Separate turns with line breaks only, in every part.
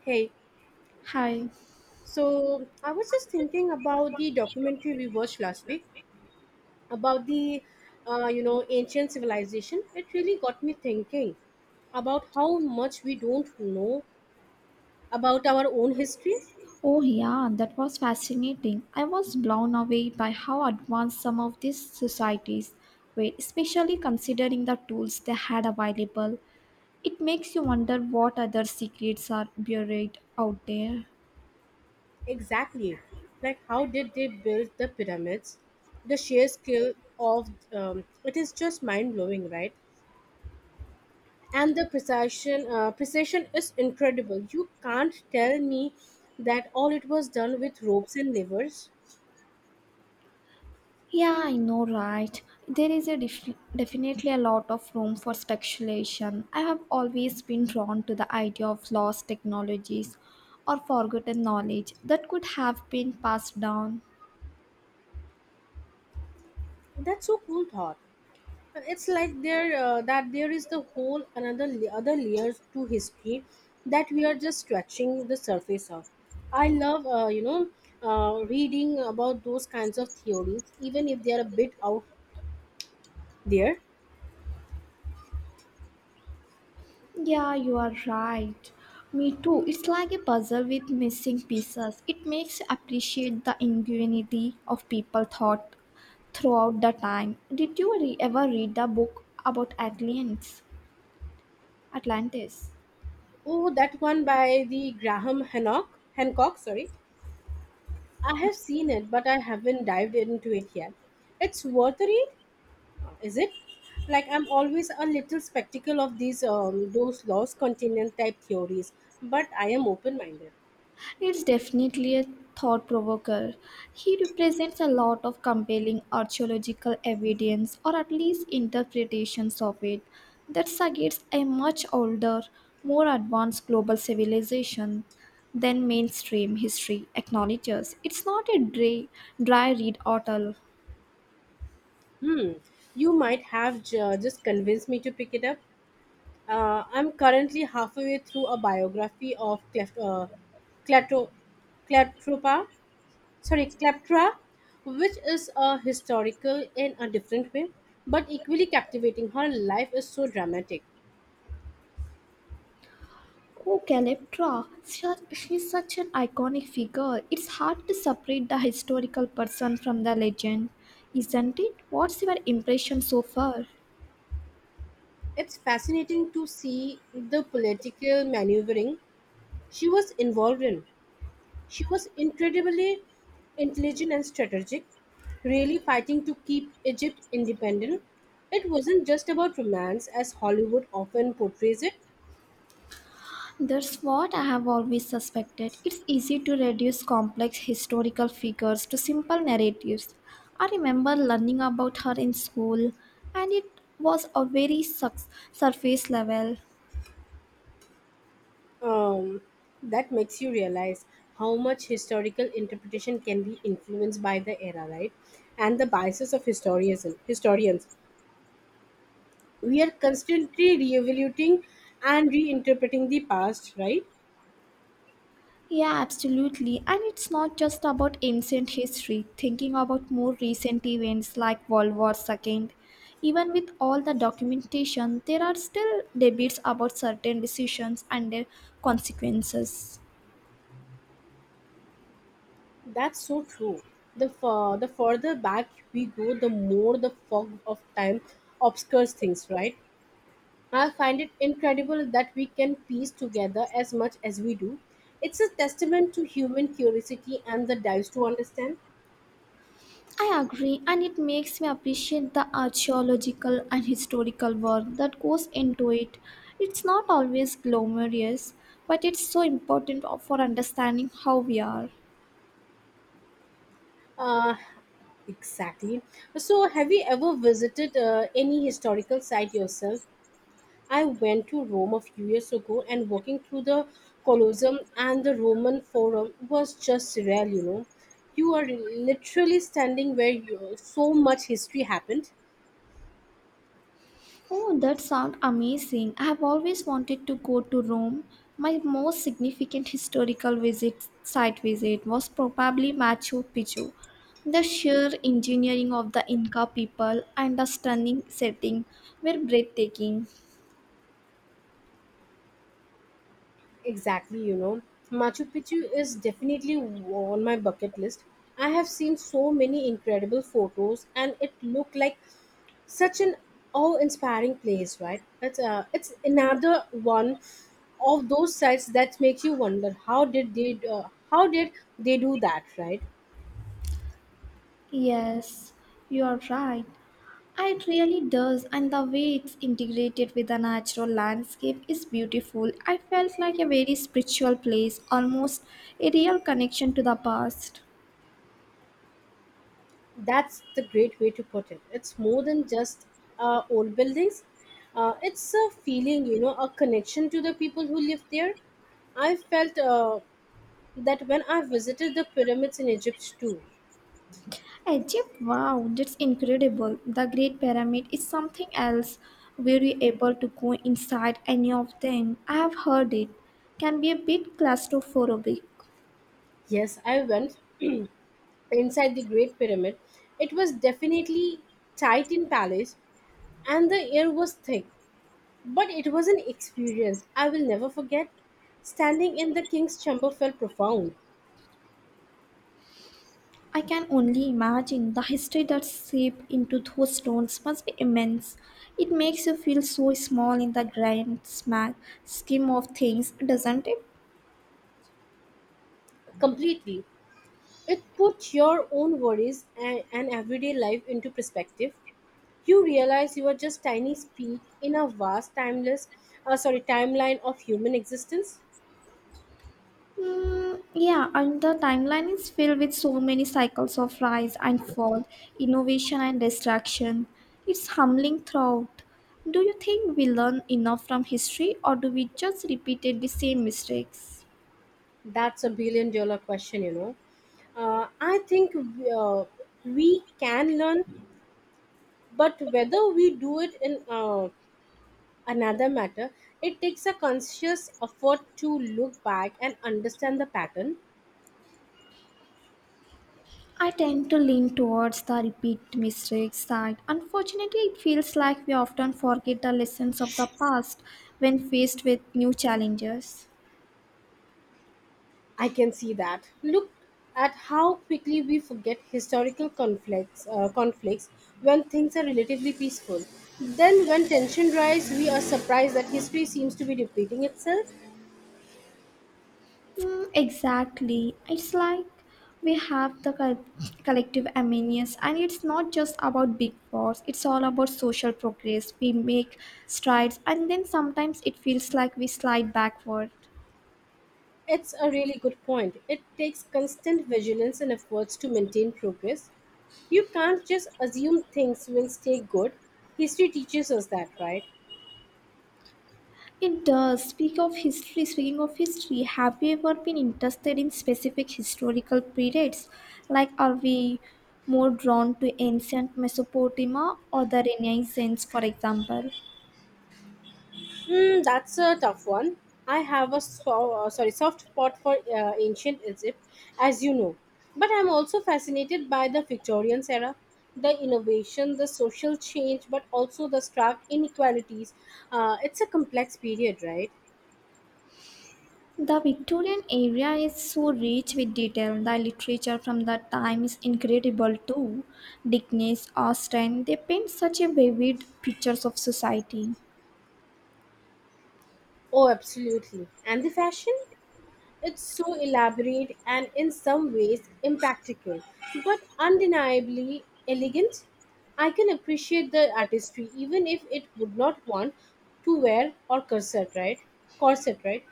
Hey,
Hi.
so I was just thinking about the documentary we watched last week about the ancient civilization. It really got me thinking about how much we don't know about our own history.
Oh, yeah, that was fascinating. I was blown away by how advanced some of these societies were, especially considering the tools they had available. It makes you wonder what other secrets are buried out there.
Exactly, like how did they build the pyramids? The sheer skill of it is just mind blowing, right? And the precision is incredible. You can't tell me that all it was done with ropes and levers.
Yeah, I know, right? There is a definitely a lot of room for speculation. I have always been drawn to the idea of lost technologies or forgotten knowledge that could have been passed down.
That's so cool thought. It's like there is the whole other layers to history that we are just scratching the surface of. I love reading about those kinds of theories, even if they are a bit out there.
Yeah, you are right. Me too. It's like a puzzle with missing pieces. It makes you appreciate the ingenuity of people thought throughout the time. Did you ever read the book about aliens? Atlantis?
Oh, that one by the Graham Hancock. Hancock, sorry, I have seen it, but I haven't dived into it yet. It's worth a read. Is it like I'm always a little skeptical of these those lost continent type theories, but I am open minded.
It's definitely a thought provoker. He represents a lot of compelling archaeological evidence or at least interpretations of it that suggests a much older, more advanced global civilization than mainstream history acknowledges. It's not a dry read at all.
Hmm, you might have just convinced me to pick it up. I'm currently halfway through a biography of Cleft, Clato, Clatropa, sorry Cleptra, which is a historical in a different way but equally captivating. Her life is so dramatic.
Oh, Calyptra, she's such an iconic figure. It's hard to separate the historical person from the legend, isn't it? What's your impression so far?
It's fascinating to see the political maneuvering she was involved in. She was incredibly intelligent and strategic, really fighting to keep Egypt independent. It wasn't just about romance, as Hollywood often portrays it.
That's what I have always suspected. It's easy to reduce complex historical figures to simple narratives. I remember learning about her in school, and it was a very surface level.
Um, that makes you realize how much historical interpretation can be influenced by the era, right? And the biases of historians. We are constantly re-evaluating and reinterpreting the past, right?
Yeah, absolutely. And it's not just about ancient history, thinking about more recent events like World War II. Even with all the documentation, there are still debates about certain decisions and their consequences.
That's so true. The further back we go, the more the fog of time obscures things, right? I find it incredible that we can piece together as much as we do. It's a testament to human curiosity and the dives to understand.
I agree, and it makes me appreciate the archaeological and historical work that goes into it. It's not always glamorous, but it's so important for understanding how we are.
Uh, exactly. So, have you ever visited any historical site yourself? I went to Rome a few years ago and walking through the Colosseum and the Roman Forum was just surreal, you know. You are literally standing where you, so much history happened.
Oh, that sounds amazing. I have always wanted to go to Rome. My most significant site visit was probably Machu Picchu. The sheer engineering of the Inca people and the stunning setting were breathtaking.
Exactly, you know. Machu Picchu is definitely on my bucket list. I have seen so many incredible photos and it looked like such an awe-inspiring place, right? It's it's another one of those sites that makes you wonder how did they how did do that, right?
Yes, you're right. It really does, and the way it's integrated with the natural landscape is beautiful. I felt like a very spiritual place, almost a real connection to the past.
That's the great way to put it. It's more than just old buildings. It's a feeling, you know, a connection to the people who live there. I felt that when I visited the pyramids in Egypt too.
Egypt, wow, that's incredible. The Great Pyramid is something else. Were you able to go inside any of them? I have heard it can be a bit claustrophobic.
Yes, I went inside the Great Pyramid. It was definitely tight in palace, and the air was thick. But it was an experience I will never forget. Standing in the king's chamber felt profound,
I can only imagine the history that's seeped into those stones must be immense. It makes you feel so small in the grand smack scheme of things, doesn't it?
completely. It put your own worries and everyday life into perspective. You realize you are just tiny speck in a vast, timeless, timeline of human existence.
Mm, yeah, and the timeline is filled with so many cycles of rise and fall, innovation and destruction. It's humbling throughout. Do you think we learn enough from history, or do we just repeat the same mistakes?
That's a billion dollar question, you know. I think we can learn, but whether we do it in another matter. It takes a conscious effort to look back and understand the pattern.
I tend to lean towards the repeat mistakes side. Unfortunately, it feels like we often forget the lessons of the past when faced with new challenges.
I can see that. Look at how quickly we forget historical conflicts when things are relatively peaceful. Then, when tension rises, we are surprised that history seems to be repeating itself.
Mm, exactly. It's like we have the collective amenities, and it's not just about big wars, it's all about social progress. We make strides, and then sometimes it feels like we slide backward.
It's a really good point. It takes constant vigilance and efforts to maintain progress. You can't just assume things will stay good. History teaches us that, right?
It does. Speaking of history, have you ever been interested in specific historical periods? Like, are we more drawn to ancient Mesopotamia or the Renaissance, for example?
Hmm, that's a tough one. I have a so, sorry soft spot for ancient Egypt, as you know, but I'm also fascinated by the Victorian era, the innovation, the social change, but also the stark inequalities. It's a complex period, right?
The Victorian era is so rich with detail. The literature from that time is incredible too. Dickens, Austen, they paint such a vivid pictures of society.
Oh, absolutely. And the fashion? It's so elaborate and in some ways impractical, but undeniably elegant. I can appreciate the artistry even if it would not want to wear or corset, right?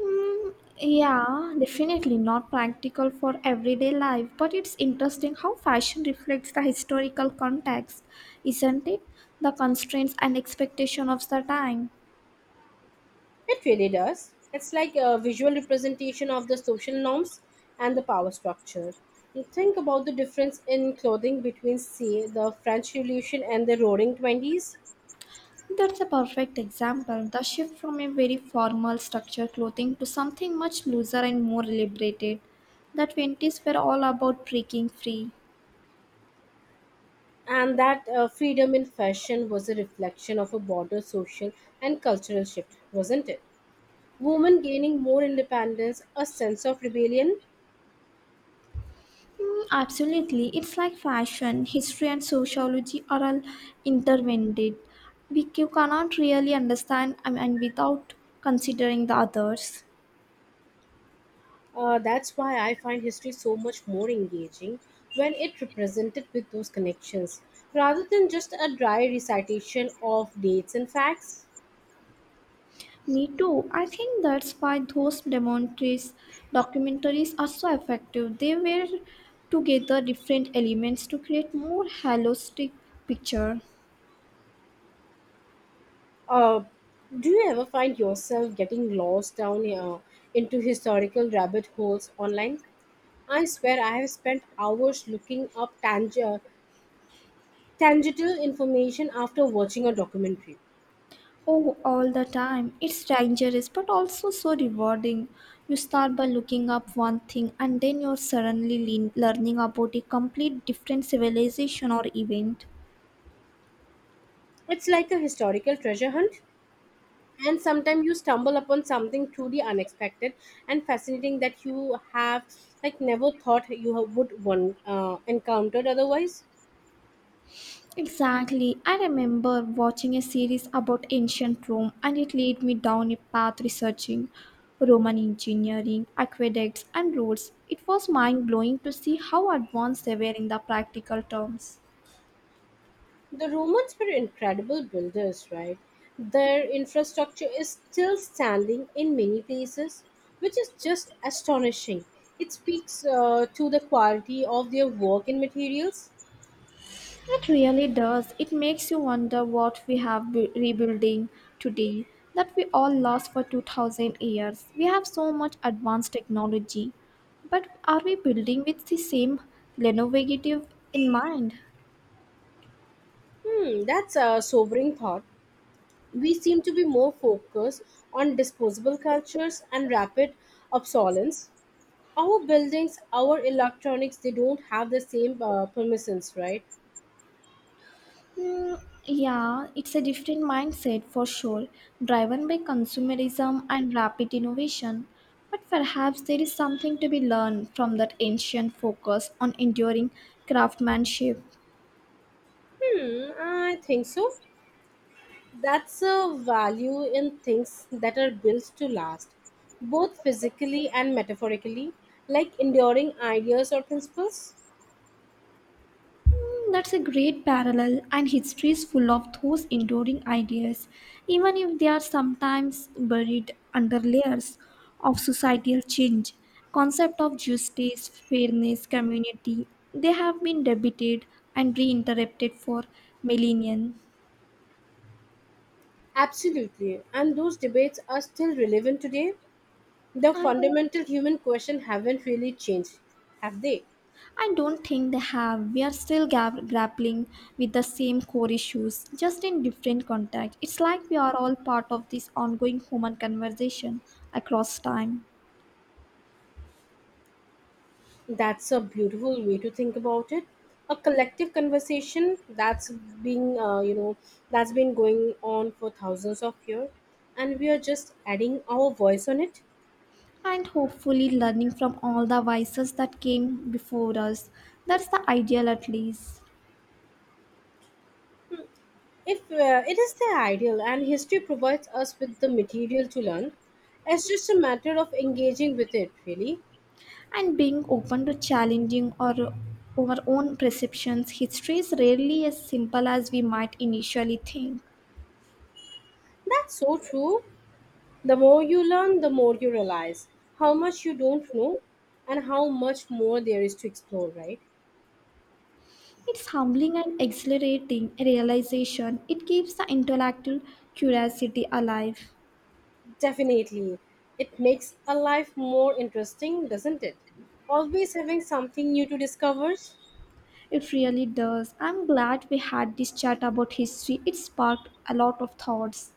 Mm, yeah, definitely not practical for everyday life, but it's interesting how fashion reflects the historical context, isn't it? The constraints and expectation of the time.
It really does. It's like a visual representation of the social norms and the power structure. You think about the difference in clothing between, say, the French Revolution and the Roaring Twenties.
That's a perfect example. The shift from a very formal structured clothing to something much looser and more liberated. The 20s were all about breaking free.
And that freedom in fashion was a reflection of a broader social and cultural shift, wasn't it? Women gaining more independence, a sense of rebellion.
Mm, absolutely. It's like fashion, history, and sociology are all intertwined. We you cannot really understand I mean, without considering the others.
That's why I find history so much more engaging when it represented with those connections, rather than just a dry recitation of dates and facts.
Me too. I think that's why those documentaries are so effective. They were together different elements to create more holistic picture.
Uh, do you ever find yourself getting lost down into historical rabbit holes online? I swear I have spent hours looking up tangible information after watching a documentary.
Oh, all the time. It's dangerous but also so rewarding. You start by looking up one thing and then you're suddenly learning about a complete different civilization or event.
It's like a historical treasure hunt, and sometimes you stumble upon something truly unexpected and fascinating that you have like never thought you have- would one encountered otherwise.
Exactly. I remember watching a series about ancient Rome and it led me down a path researching Roman engineering, aqueducts, and roads. It was mind blowing to see how advanced they were in the practical terms.
The Romans were incredible builders, right? Their infrastructure is still standing in many places, which is just astonishing. It speaks to the quality of their work and materials.
It really does. It makes you wonder what we have rebuilding today that we all lost for 2000 years. We have so much advanced technology, but are we building with the same innovative in mind?
Hmm, that's a sobering thought. We seem to be more focused on disposable cultures and rapid obsolescence. Our buildings, our electronics, they don't have the same permissions, right?
Mm, yeah, it's a different mindset for sure, driven by consumerism and rapid innovation. But perhaps there is something to be learned from that ancient focus on enduring craftsmanship.
Hmm, I think so. That's a value in things that are built to last, both physically and metaphorically, like enduring ideas or principles.
Hmm, that's a great parallel, and history is full of those enduring ideas, even if they are sometimes buried under layers of societal change. Concept of justice, fairness, community, they have been debated and reinterpreted for millennia.
Absolutely. And those debates are still relevant today. The
And
fundamental human question haven't really changed, have they?
I don't think they have. We are still grappling with the same core issues, just in different context. It's like we are all part of this ongoing human conversation across time.
That's a beautiful way to think about it. A collective conversation that's been, you know, that's been going on for thousands of years, and we are just adding our voice on it.
And hopefully learning from all the vices that came before us. That's the ideal, at least.
If it is the ideal, and history provides us with the material to learn, it's just a matter of engaging with it. Really,
And being open to challenging our own perceptions, history is rarely as simple as we might initially think.
that's so true. The more you learn, the more you realize how much you don't know, and how much more there is to explore. Right?
It's humbling and exhilarating realization. It keeps the intellectual curiosity alive.
Definitely. It makes a life more interesting, doesn't it? Always having something new to discover.
It really does. I'm glad we had this chat about history. It sparked a lot of thoughts.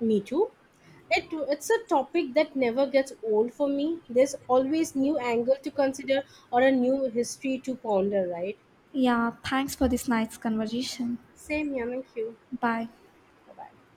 Me too. It's a topic that never gets old for me. There's always new angle to consider or a new history to ponder, right?
Yeah, thanks for this nice conversation.
Same here. Thank you.
Bye.
Bye bye.